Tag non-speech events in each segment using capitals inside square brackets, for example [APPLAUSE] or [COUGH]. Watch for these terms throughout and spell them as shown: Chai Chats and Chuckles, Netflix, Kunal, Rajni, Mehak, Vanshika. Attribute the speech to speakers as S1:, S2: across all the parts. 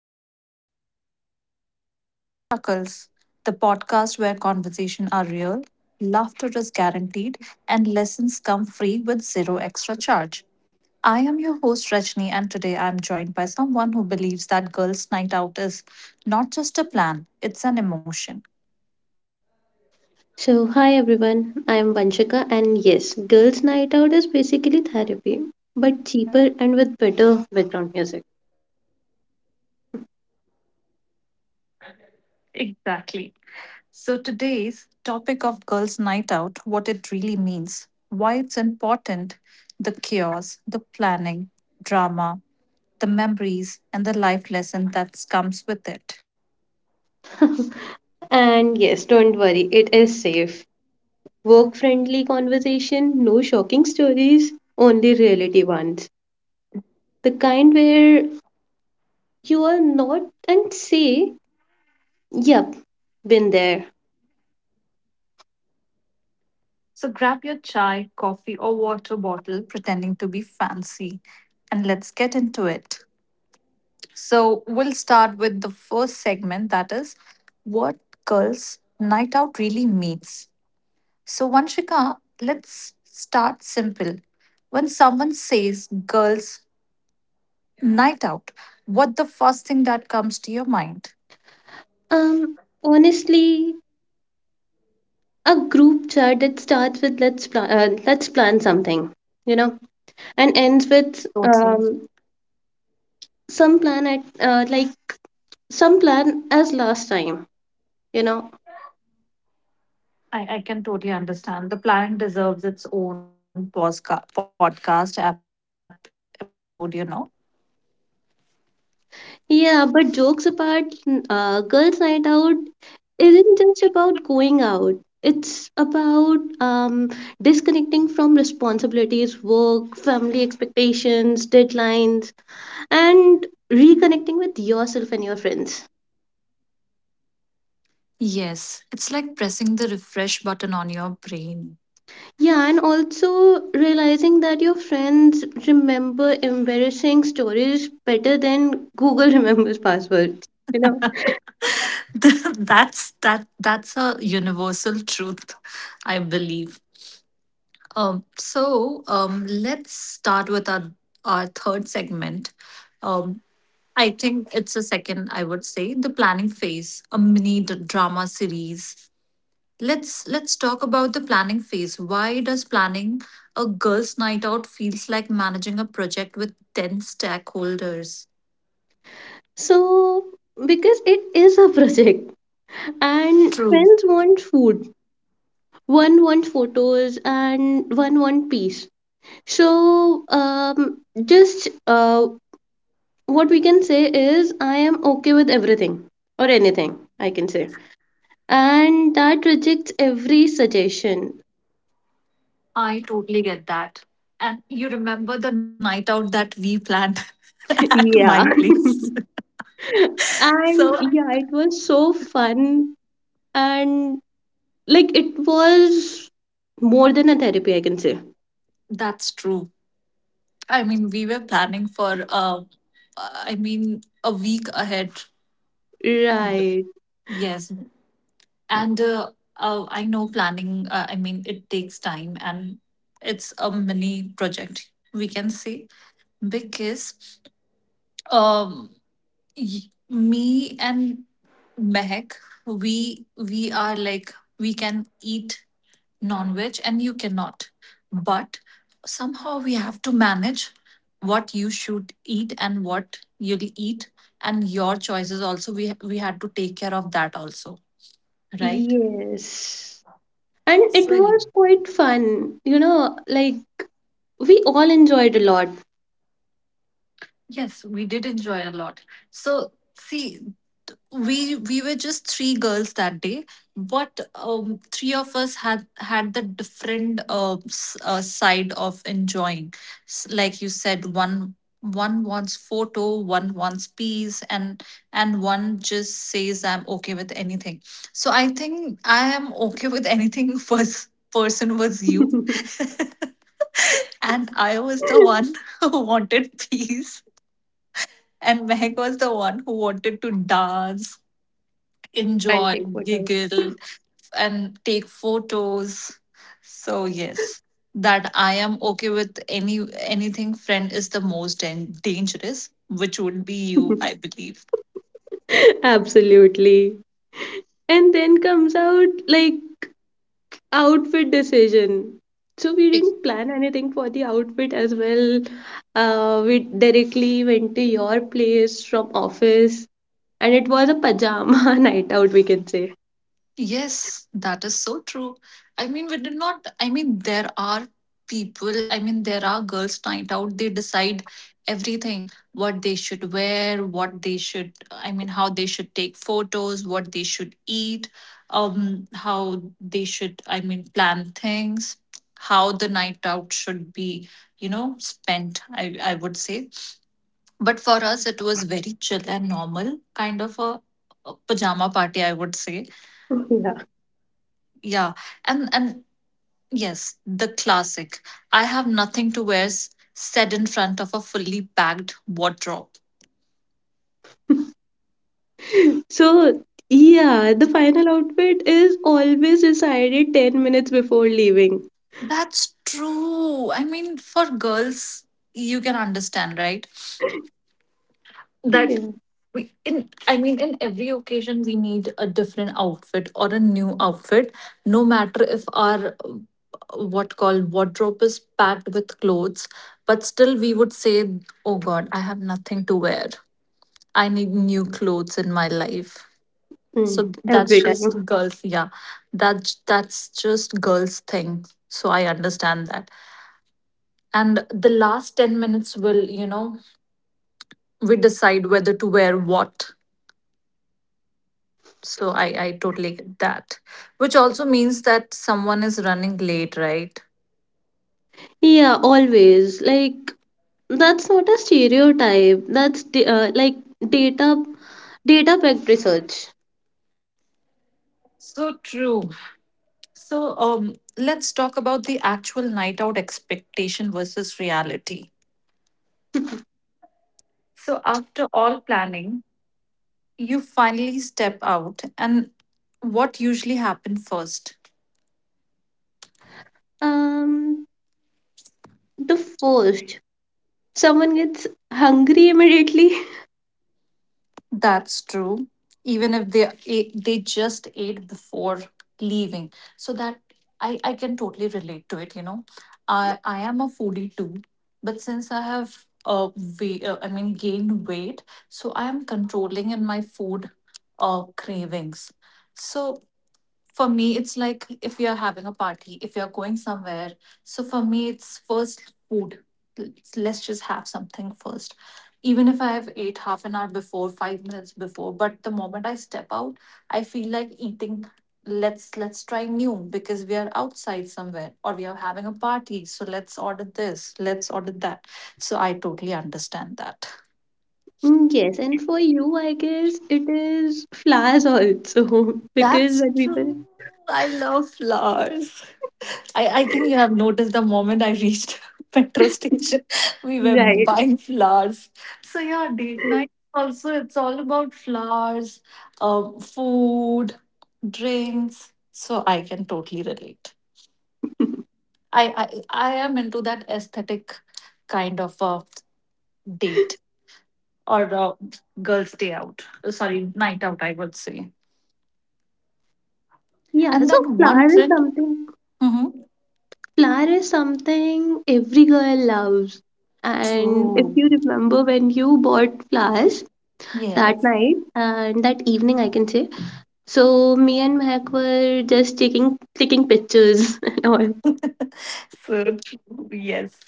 S1: Hey everyone, welcome back to Chai Chats and Chuckles, the podcast where conversation are real, laughter is guaranteed, and lessons come free with zero extra charge. I am your host Rajni, and today I'm joined by someone who believes that girls' night out is not just a plan, it's an emotion.
S2: So, hi everyone, I am Vanshika, and yes, Girls' Night Out is basically therapy, but cheaper and with better background music.
S1: Exactly. So, today's topic of girls' night out, what it really means, why it's important, the chaos, the planning, drama, the memories, and the life lesson that comes with it.
S2: [LAUGHS] And yes, don't worry, it is safe. Work friendly conversation, no shocking stories, only reality ones. The kind where you are not and say, yep, been there.
S1: So grab your chai, coffee, or water bottle, pretending to be fancy, and let's get into it. So we'll start with the first segment, that is what girls' night out really means. So, Vanshika, let's start simple. When someone says girls' night out, what the first thing that comes to your mind?
S2: Um, Honestly, a group chat that starts with let's plan something, you know, and ends with
S1: So true.
S2: some plan at like some plan as last time you know
S1: I can totally understand. The planet deserves its own podcast episode, you know.
S2: yeah, but jokes apart, girls night out isn't just about going out, it's about disconnecting from responsibilities, work, family expectations, deadlines, and reconnecting with yourself and your friends.
S1: Yes, it's like pressing the refresh button on your brain.
S2: Yeah, and also realizing that your friends remember embarrassing stories better than Google [LAUGHS] remembers passwords, you know.
S1: [LAUGHS] That's a universal truth, I believe. So let's start with our third segment. Um, I think it's a second. I would say the planning phase, a mini drama series. Let's talk about the planning phase. Why does planning a girls' night out feels like managing a project with 10 stakeholders?
S2: So, because it is a project, and
S1: True.
S2: friends want food, one want photos, and one want peace. So, just what we can say is, I am okay with everything or anything, I can say. And that rejects every suggestion.
S1: I totally get that. And you remember the night out that we planned [LAUGHS] at my
S2: Yeah.
S1: place. [LAUGHS]
S2: [LAUGHS]
S1: So
S2: And yeah, it was so fun, and like it was more than a therapy, I can say.
S1: that's true. I mean, we were planning for I mean a week ahead.
S2: Right.
S1: Yes, and I know planning I mean it takes time and it's a mini project we can say because um me and mehek we we are like we can eat non-veg and you cannot, but somehow we have to manage what you should eat and what you'll eat, and your choices also we had to take care of that also, right?
S2: Yes. And it
S1: So
S2: was quite fun. You know, like we all enjoyed a lot.
S1: yes, we did enjoy a lot. So, see, we were just three girls that day, but three of us had the different side of enjoying. Like you said, one wants photo, one wants peace, and one just says I'm okay with anything. So I think I am okay with anything. [LAUGHS] First person was you,
S2: [LAUGHS]
S1: and I was the one [LAUGHS] who wanted peace. And Mehak was the one who wanted to dance, enjoy,
S2: Antique photo.
S1: giggle, and take photos. So yes, that I am okay with any anything friend is the most dangerous, which would be you,
S2: [LAUGHS]
S1: I believe.
S2: Absolutely. And then comes out like outfit decision. So we didn't plan anything for the outfit as well. We directly went to your place from office, and it was a pajama [LAUGHS] night out, we can say.
S1: Yes, that is so true. I mean, we did not, I mean, there are people, I mean, there are girls' night out, they decide everything, what they should wear, what they should, I mean, how they should take photos, what they should eat, how they should, I mean, plan things, how the night out should be, you know, spent, I would say. But for us, it was very chill and normal, kind of a pajama party, I would say.
S2: [LAUGHS]
S1: Yeah, and yes, the classic "I have nothing to wear" said in front of a fully packed wardrobe.
S2: So, yeah, the final outfit is always decided 10 minutes before leaving.
S1: That's true. I mean, for girls, you can understand, right? That
S2: Yeah.
S1: we in I mean, in every occasion we need a different outfit or a new outfit, no matter if our what called wardrobe is packed with clothes, but still we would say, "Oh God, I have nothing to wear. I need new clothes in my life."
S2: Mm,
S1: So that's
S2: every time.
S1: just girls, yeah. That's just girls thing. So I understand that. And the last 10 minutes will, you know, we decide whether to wear what. So I totally get that. Which also means that someone is running late, right?
S2: Yeah, always. Like, that's not a stereotype. That's like data data backed research.
S1: So true. So um let's talk about the actual night out, expectation versus reality.
S2: [LAUGHS]
S1: So after all planning, you finally step out and what usually happens first?
S2: Um, the first, someone gets hungry immediately. [LAUGHS]
S1: That's true, even if they they just ate before leaving. So that I can totally relate to it, you know. I am a foodie too, but since I have uh, I mean gained weight, so I am controlling in my food cravings. So for me it's like, if we are having a party, if we are going somewhere, so for me it's first food. Let's just have something first. Even if I have ate half an hour before, 5 minutes before, but the moment I step out I feel like eating. Let's try new because we are outside somewhere or we are having a party, so let's order this, let's order that. So I totally understand that.
S2: Mm, yes, and for you, I guess it is flowers also, [LAUGHS] because
S1: That's
S2: when people,
S1: true, I love flowers. I think you have noticed the moment I reached [LAUGHS] metro station, [LAUGHS] we were
S2: right?
S1: buying flowers. So yeah, date night also it's all about flowers, food, drinks. So I can totally relate.
S2: [LAUGHS]
S1: I am into that aesthetic, kind of a date or a girls' day out. Sorry, night out, I would say.
S2: Yeah,
S1: And that
S2: so
S1: one friend. Mm-hmm.
S2: flower is something every girl loves. And if
S1: True.
S2: you remember when you bought flowers that
S1: Yes.
S2: night and that evening, I can say, so me and Mehak were just taking clicking pictures [LAUGHS] and all.
S1: [LAUGHS] so true. Yes.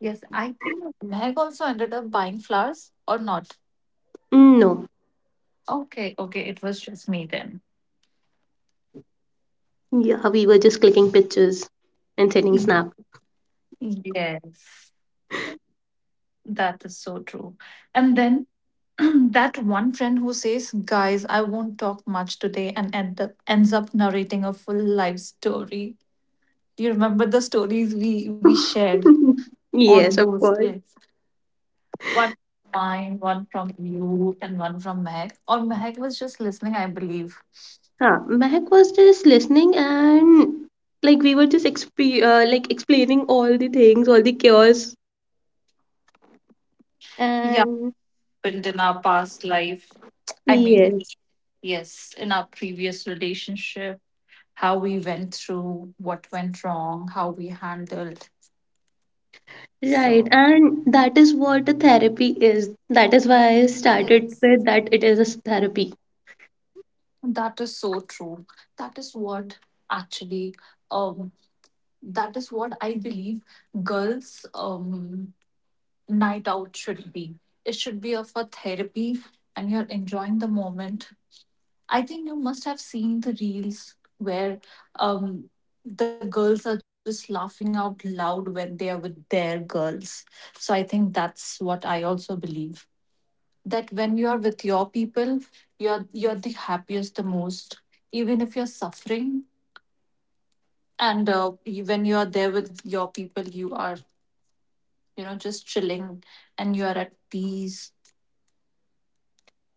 S1: Yes, I think Meg also ended up buying flowers, or not.
S2: Mm, no.
S1: Okay. Okay. It was just me then.
S2: Yeah, we were just clicking pictures and sending
S1: Mm.
S2: snap.
S1: Yes. That is so true. And then [CLEARS THROAT] that one friend who says, "guys, I won't talk much today," and ends up narrating a full life story. You remember the stories we
S2: [LAUGHS]
S1: shared on
S2: Yes, of
S1: those
S2: course.
S1: days? One mine, one from you, and one from Meg. Or Meg was just listening, I believe.
S2: Huh. Mehak was just listening, and like we were just exp like explaining all the things, all the cures.
S1: Yeah,
S2: And
S1: happened in our past life. I mean,
S2: yes,
S1: yes, in our previous relationship, how we went through, what went wrong, how we handled. So,
S2: right. And that is what a therapy is. That is why I started
S1: yes,
S2: with that it is a therapy.
S1: that is so true. That is what actually, um, that is what I believe girls' night out should be. It should be of a therapy, and you're enjoying the moment. I think you must have seen the reels where um, the girls are just laughing out loud when they are with their girls. So I think that's what I also believe, that when you are with your people, you're the happiest, the most, even if you're suffering. And when you are there with your people, you are, you know, just chilling and you are at peace.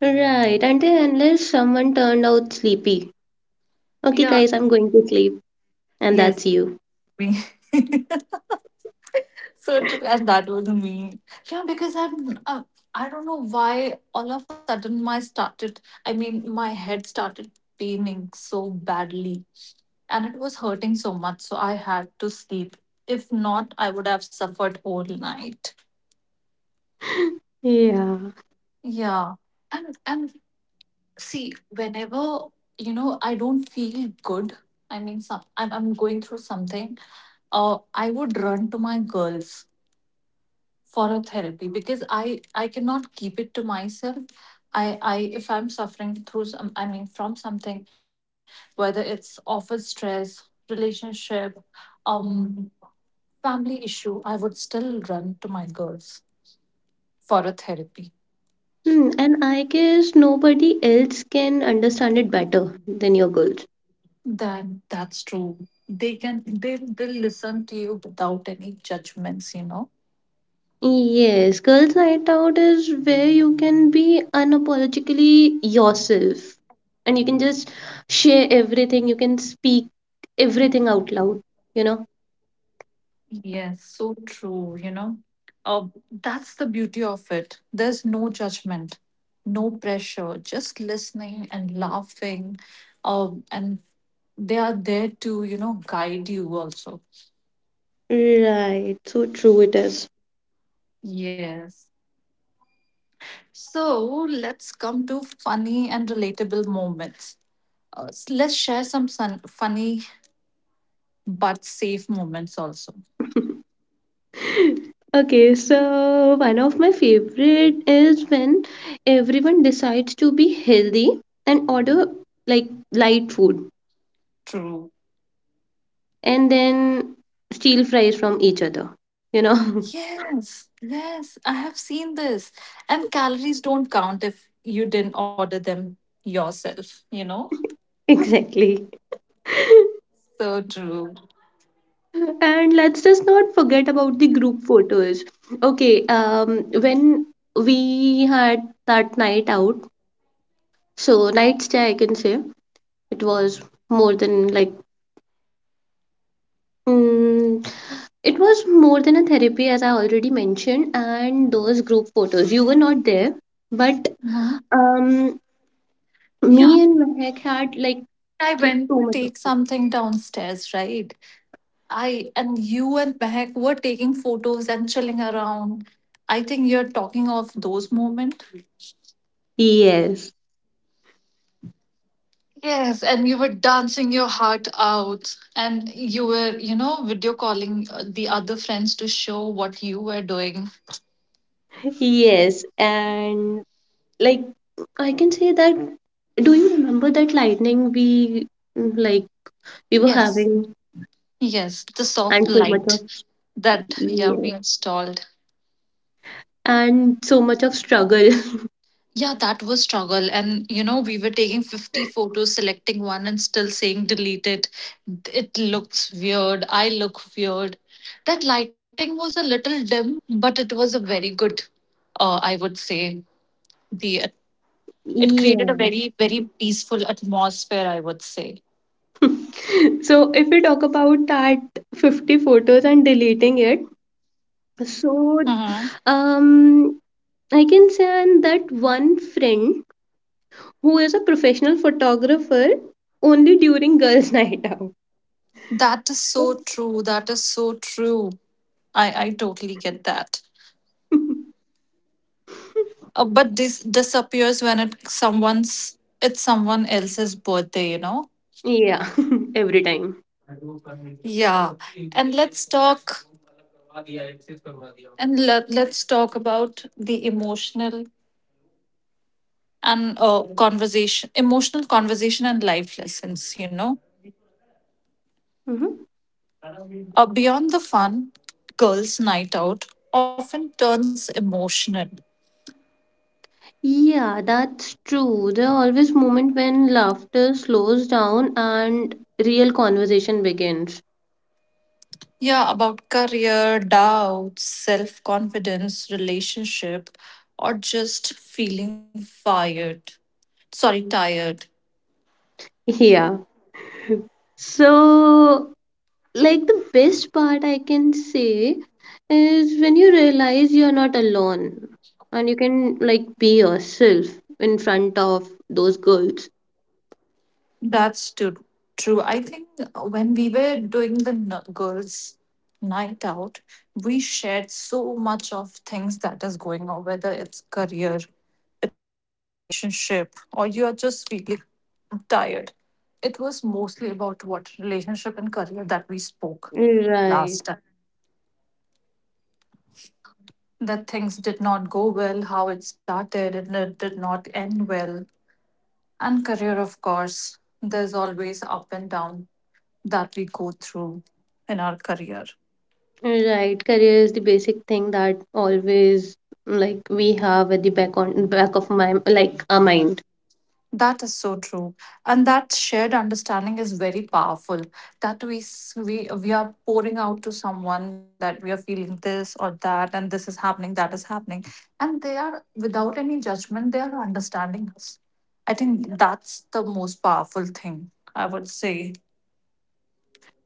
S2: Right. Until unless someone turned out sleepy. Okay, guys, I'm going to sleep. And that's you.
S1: [LAUGHS] So true, and that was me. Yeah, because I'm, I don't know why all of a sudden my head started paining so badly, and it was hurting so much. So I had to sleep. If not, I would have suffered whole night.
S2: [LAUGHS] Yeah.
S1: Yeah, and see, whenever, you know, I don't feel good. I mean, some I'm going through something. I would run to my girls for a therapy, because I cannot keep it to myself. I I if I'm suffering through some I mean from something, whether it's office stress, relationship, um family issue, I would still run to my girls for a therapy.
S2: Hmm, and I guess nobody else can understand it better than your girls.
S1: That's true, they can, they'll listen to you without any judgments, you know.
S2: Yes, girls' night out is where you can be unapologetically yourself, and you can just share everything, you can speak everything out loud, you know?
S1: Yes, so true, you know. Uh, that's the beauty of it. There's no judgment, no pressure, just listening and laughing. And they are there to, you know, guide you also.
S2: Right, so true it is.
S1: Yes. So let's come to funny and relatable moments. Let's share some funny but safe moments also.
S2: [LAUGHS] Okay, so one of my favorite is when everyone decides to be healthy and order, like, light food,
S1: True.
S2: and then steal fries from each other, you know?
S1: Yes, yes, I have seen this. And calories don't count if you didn't order them yourself, you know?
S2: [LAUGHS] Exactly. [LAUGHS]
S1: So true.
S2: And let's just not forget about the group photos. Okay, when we had that night out, so night stay, I can say, it was more than like, mm, it was more than a therapy, as I already mentioned. And those group photos, you were not there, but
S1: Mhm.
S2: um,
S1: Yeah,
S2: me and Mehak had like
S1: I
S2: clicked
S1: went
S2: so
S1: take
S2: much.
S1: something downstairs, right? I and you and Mehak were taking photos and chilling around. I think you're talking of those moments.
S2: Yes,
S1: Yes, and you were dancing your heart out, and you were, you know, video calling the other friends to show what you were doing.
S2: yes, and like I can say that, do you remember that lightning we, like we were
S1: Yes,
S2: having,
S1: Yes, the soft
S2: and so much of,
S1: light that yeah
S2: yeah,
S1: we installed.
S2: and so much of struggle.
S1: Yeah, that was struggle, and you know we were taking 50 photos, selecting one, and still saying delete it. It looks weird. I look weird. That lighting was a little dim, but it was a very good. I would say the
S2: [LAUGHS]
S1: it created a
S2: Yeah.
S1: very very peaceful atmosphere, I would say.
S2: [LAUGHS] So if we talk about that 50 photos and deleting it,
S1: Mhm.
S2: so um I can say that one friend who is a professional photographer only during girls' [LAUGHS] night out.
S1: That is so true. That is so true. I totally get that. But this disappears when it someone's it's someone else's birthday.
S2: [LAUGHS] Yeah. [LAUGHS] Every time.
S1: Yeah. And let's talk and let, let's talk about the emotional and conversation emotional conversation and life lessons, beyond the fun. Girls' night out often turns emotional.
S2: Yeah, that's true. There are always moments when laughter slows down and real conversation begins.
S1: Yeah, about career doubts, self confidence, relationship, or just feeling fired, sorry, tired.
S2: Yeah. So, like the best part, I can say, is when you realize you're not alone and you can like be yourself in front of those girls.
S1: That's too true. I think when we were doing the girls night out, we shared so much of things that is going on, whether it's career, it's relationship, or you are just feeling tired. It was mostly about what relationship and career that we spoke last
S2: Right.
S1: time, that things did not go well, how it started and it did not end well. And career, of course, there's always up and down that we go through in our career.
S2: Right. Career is the basic thing that always, like, we have at the back on back of my, like, our mind.
S1: That is so true, and that shared understanding is very powerful. That we s- we are pouring out to someone that we are feeling this or that, and this is happening, that is happening, and they are without any judgment. They are understanding us. I think that's the most powerful thing I would say.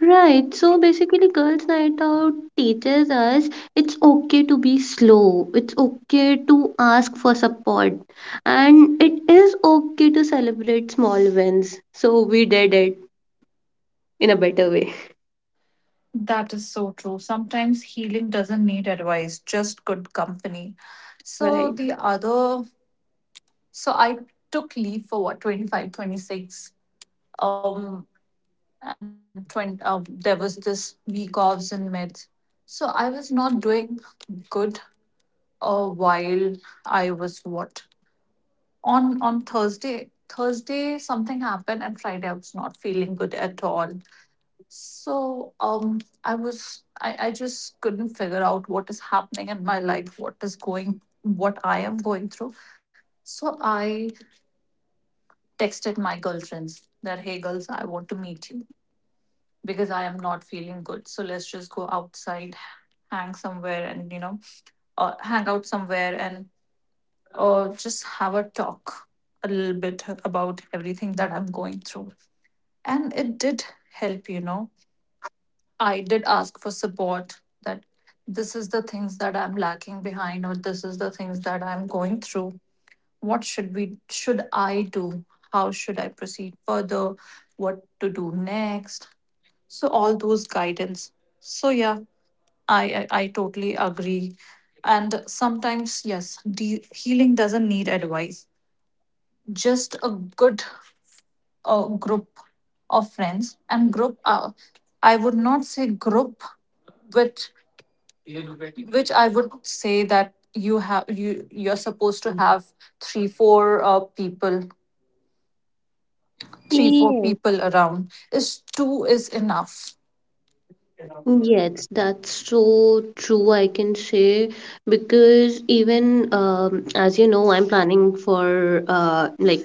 S2: Right. So basically, girls' night out teaches us it's okay to be slow, it's okay to ask for support, and it is okay to celebrate small wins. So we did it in a better way.
S1: That is so true. Sometimes healing doesn't need advice, just good company. So
S2: Right.
S1: the other So I took leave for what 25, 26, um, and 20, there was this week offs in meds. So I was not doing good, while I was what on Thursday. Thursday something happened and Friday I was not feeling good at all. So I just couldn't figure out what is happening in my life, what I am going through. So I texted my girlfriends that, hey, girls, I want to meet you because I am not feeling good. So let's just go outside, hang somewhere, and, hang out somewhere and just have a talk a little bit about everything that I'm going through. And it did help. I did ask for support that this is the things that I'm lacking behind, or this is the things that I'm going through. What should I do? How should I proceed further? What to do next? So all those guidance. So yeah, I totally agree. And sometimes, yes, healing doesn't need advice, just a good, group of friends, and group, I would not say group, which which I would say that you have, you're supposed to have three four people.
S2: [LAUGHS]
S1: Three, four
S2: Yes.
S1: people around, is two is enough.
S2: Yes, that's so true, I can say, because even, as you know, I'm planning for like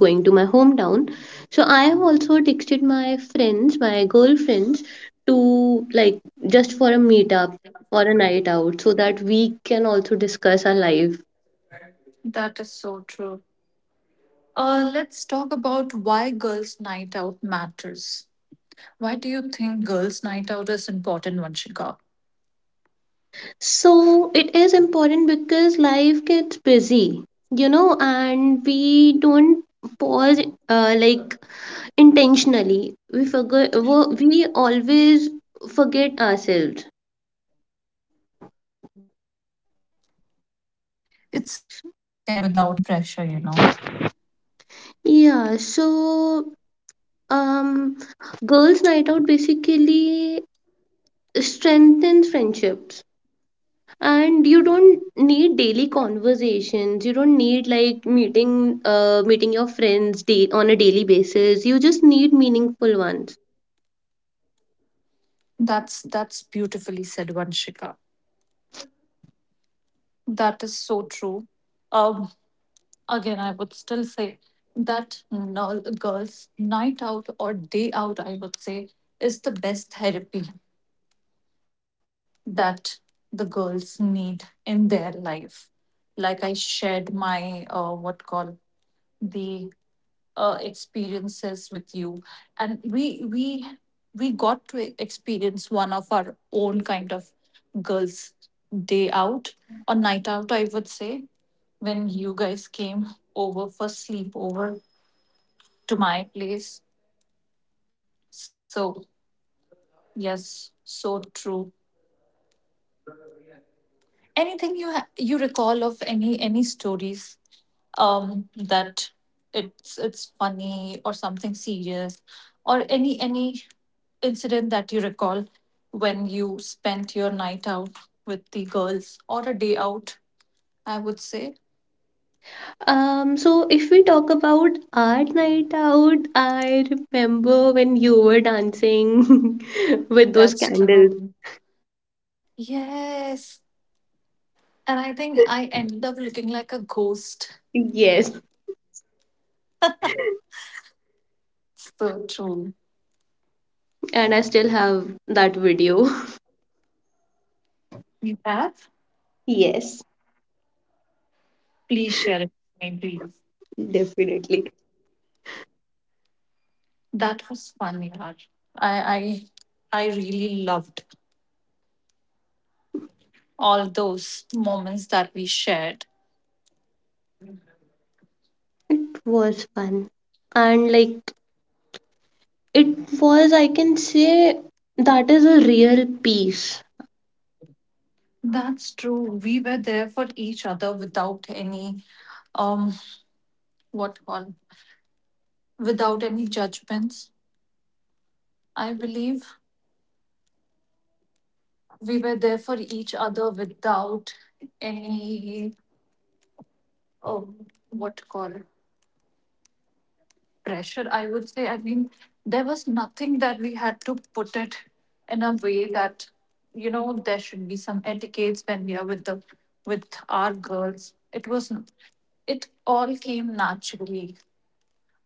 S2: going to my hometown. So I have also texted my friends, my girlfriends, to like just for a meetup or a night out so that we can also discuss our life.
S1: That is so true. Let's talk about why girls' night out matters. Why do you think girls' night out is important, Vanshika?
S2: So it is important because life gets busy, you know, and we don't pause like intentionally. We forget, we always forget ourselves.
S1: It's self care without the pressure, you know.
S2: Yeah, so um girls' night out basically strengthens friendships, and you don't need daily conversations, you don't need like meeting your friends day on a daily basis, you just need meaningful ones.
S1: That's beautifully said, Vanshika. That is so true. Um, Again, I would still say that, no, girls' night out or day out, I would say, is the best therapy that the girls need in their life, like I shared my, what call, the, experiences with you. And we got to experience one of our own kind of girls day out or night out, I would say, when you guys came over for sleepover to my place. So yes, so true. Anything you you recall of any stories, um, that it's funny or something serious, or any incident that you recall when you spent your night out with the girls or a day out, I would say.
S2: So if we talk about art night out, I remember when you were dancing [LAUGHS] with those
S1: That's
S2: candles.
S1: true. Yes, and I think I ended up looking like a ghost.
S2: Yes,
S1: So true.
S2: and I still have that video. [LAUGHS]
S1: You have?
S2: Yes,
S1: Please share it with me, please.
S2: definitely.
S1: That was fun, yaar. I i i really loved all those moments that we shared.
S2: It was fun. And like it was, I can say, that is a real piece.
S1: That's true. We were there for each other without any, um what call, without any judgments. I believe we were there for each other without any, um what call it, pressure, I would say. I mean, there was nothing that we had to put it in a way that there should be some etiquettes when we are with the with our girls. It was, it all came naturally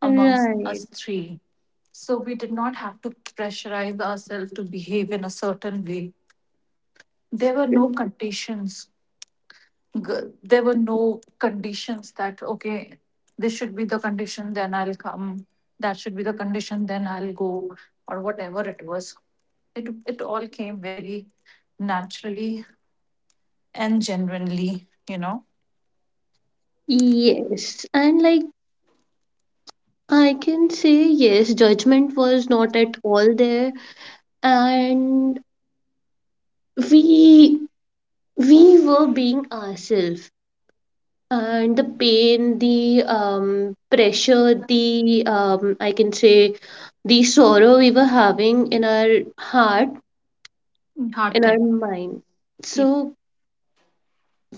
S1: amongst us
S2: Right.
S1: three. So we did not have to pressurize ourselves to behave in a certain way. There were no conditions. There were no conditions that, okay, this should be the condition, then I'll come. That should be the condition, then I'll go, or whatever it was. It all came very naturally and genuinely, you know.
S2: Yes. And like I can say, yes, judgment was not at all there. And we we were being ourselves, and the pain, the pressure, the I can say the sorrow we were having in our heart,
S1: Hard
S2: in our
S1: time.
S2: mind. So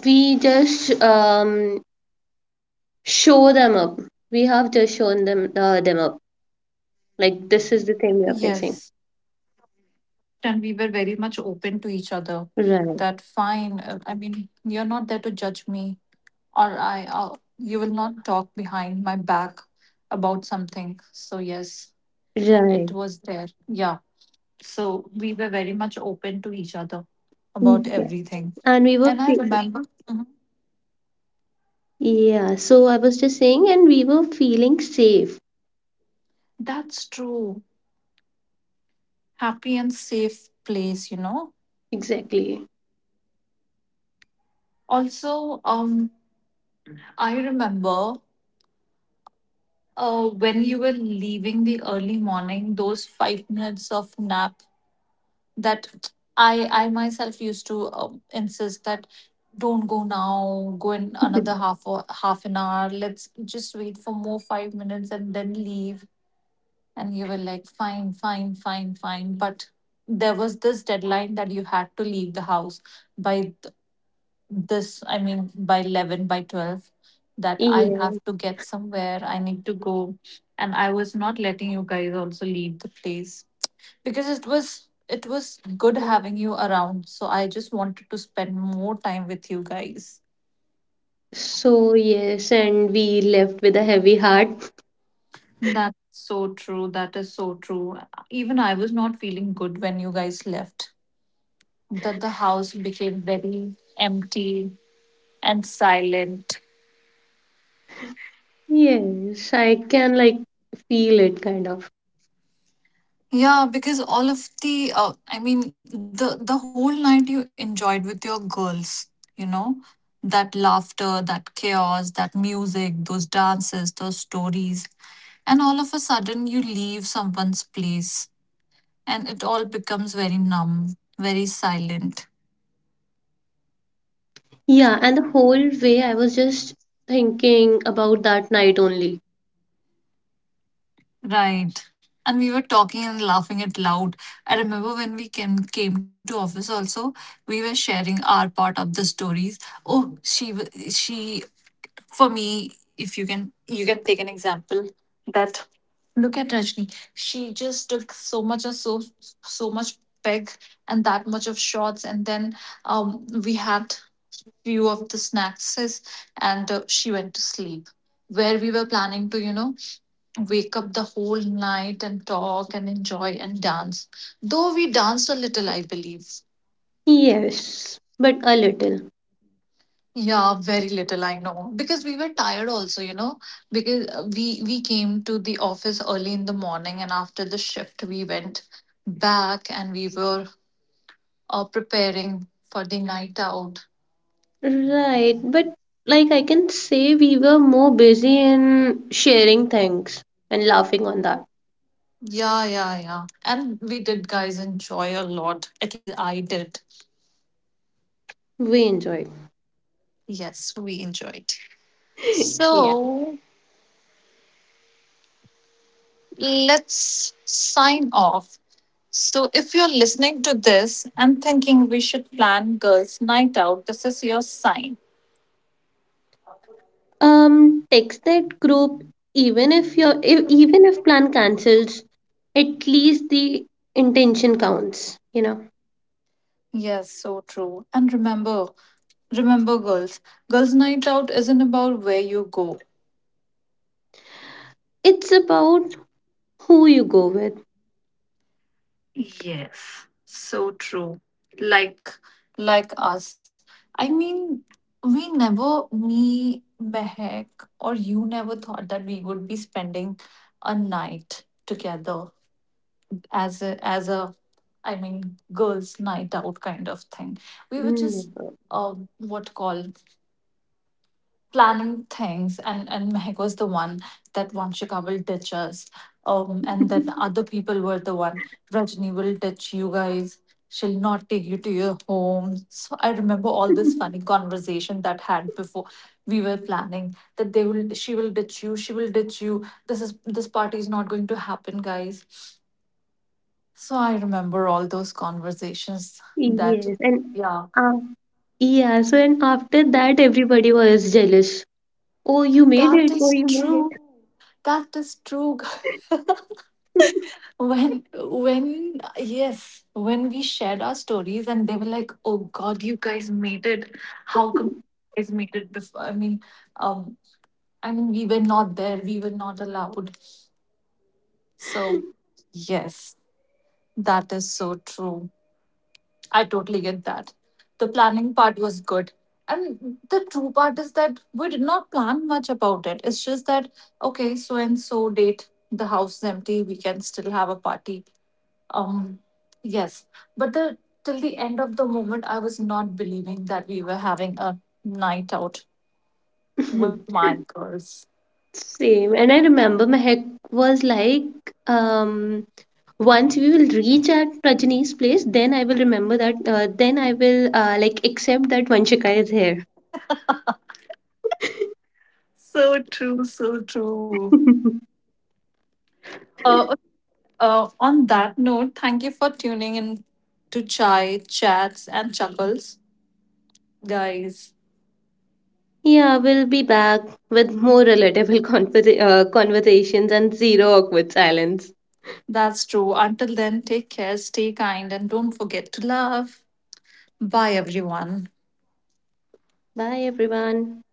S2: we just show them up, we have just shown them up, like
S1: Yes.
S2: this is the thing we are facing.
S1: And we were very much open to each other that fine,
S2: Right.
S1: I mean, you're not there to judge me, or I, you will not talk behind my back about something. So yes, it was
S2: Right.
S1: there. Yeah. So we were very much open to each other about
S2: Yeah.
S1: everything.
S2: and
S1: And
S2: we
S1: I
S2: were fe-
S1: remember, mhm,
S2: Yeah, so I was just saying, and we were feeling safe.
S1: that's true, happy and safe place, you know.
S2: Exactly.
S1: Also, um, I remember, uh, when you were leaving the early morning, those 5 minutes of nap that I myself used to, insist that don't go now, go in another
S2: [LAUGHS]
S1: half or half an hour. Let's just wait for more 5 minutes and then leave. And you were like, fine, fine, fine, fine. But there was this deadline that you had to leave the house by this, I mean, by 11 by 12, that I have
S2: Yes.
S1: to get somewhere, I need to go. And I was not letting you guys also leave the place because it was, it was good having you around. So I just wanted to spend more time with you guys.
S2: So yes, and we left with a heavy heart.
S1: That's so true. That is so true. Even I was not feeling good when you guys left, that the house became very empty and silent.
S2: Yes, I can like feel it kind of.
S1: Yeah, because all of the, I mean, the whole night you enjoyed with your girls, you know, that laughter, that chaos, that music, those dances, those stories, and all of a sudden you leave someone's place, and it all becomes very numb, very silent,
S2: Yeah, and the whole way I was just thinking about that night only.
S1: right? And we were talking and laughing it loud. I remember when we came to office also, we were sharing our part of the stories. Oh, she wa- she For me, if you can take an example that look at Rajni, she just took so much of so much peg and that much of shots, and then, we had few of the snacks, and she went to sleep, where we were planning to wake up the whole night and talk and enjoy and dance, though we danced a little, I believe.
S2: Yes, but a little.
S1: Yeah, very little, I know, because we were tired also, you know, because, we came to the office early in the morning, and after the shift we went back and we were, preparing for the night out.
S2: Right, but like I can say we were more busy in sharing things and laughing on that.
S1: Yeah, yeah, yeah. And we did guys enjoy a lot. At least I did.
S2: We enjoyed.
S1: Yes, we enjoyed. So, let's sign off. So, if you're listening to this and thinking we should plan girls' night out, this is your sign.
S2: Text that group, even if your if, even if plan cancels, at least the intention counts, you know.
S1: Yes, so true. And remember, remember, girls, girls' night out isn't about where you go.
S2: It's about who you go with.
S1: Yes, so true. Like, like us. I mean, we never, me, Mehak, or you never thought that we would be spending a night together as a, I mean, girls' night out kind of thing. We were just,
S2: Never.
S1: what call, planning things, and Mehak was the one that Vanshika will ditch us, um, and then other people were the one Rajni will ditch you guys, she'll not take you to your home. So I remember all this funny
S2: [LAUGHS]
S1: conversation that had before we were planning, that they will, she will ditch you, she will ditch you, this is this party is not going to happen, guys. So I remember all those conversations. That,
S2: Yes, and
S1: yeah,
S2: uh, yeah, so and after that everybody was jealous. Oh, you made
S1: that
S2: it, oh,
S1: is
S2: you made
S1: true.
S2: it.
S1: That is true. [LAUGHS] When, yes, when we shared our stories and they were like, oh god, you guys made it. How come you guys made it before? I mean um i mean we were not there, we were not allowed. So yes, that is so true. I totally get that. The planning part was good, and the true part is that we did not plan much about it. It's just that, okay, so and so date the house is empty, we can still have a party. Um, yes, but the till the end of the moment, I was not believing that we were having a night out with
S2: [LAUGHS]
S1: my girls.
S2: Same, and I remember my heck was like, once we will reach at Rajini's place, then I will remember that. Then I will like accept that Vanshika is here.
S1: So true, so true.
S2: [LAUGHS]
S1: Uh, on that note, thank you for tuning in to Chai, Chats, and Chuckles, guys.
S2: Yeah, we'll be back with more relatable [LAUGHS] conversations and zero awkward silence.
S1: That's true. Until then, take care, stay kind, and don't forget to love. Bye, everyone.
S2: Bye, everyone.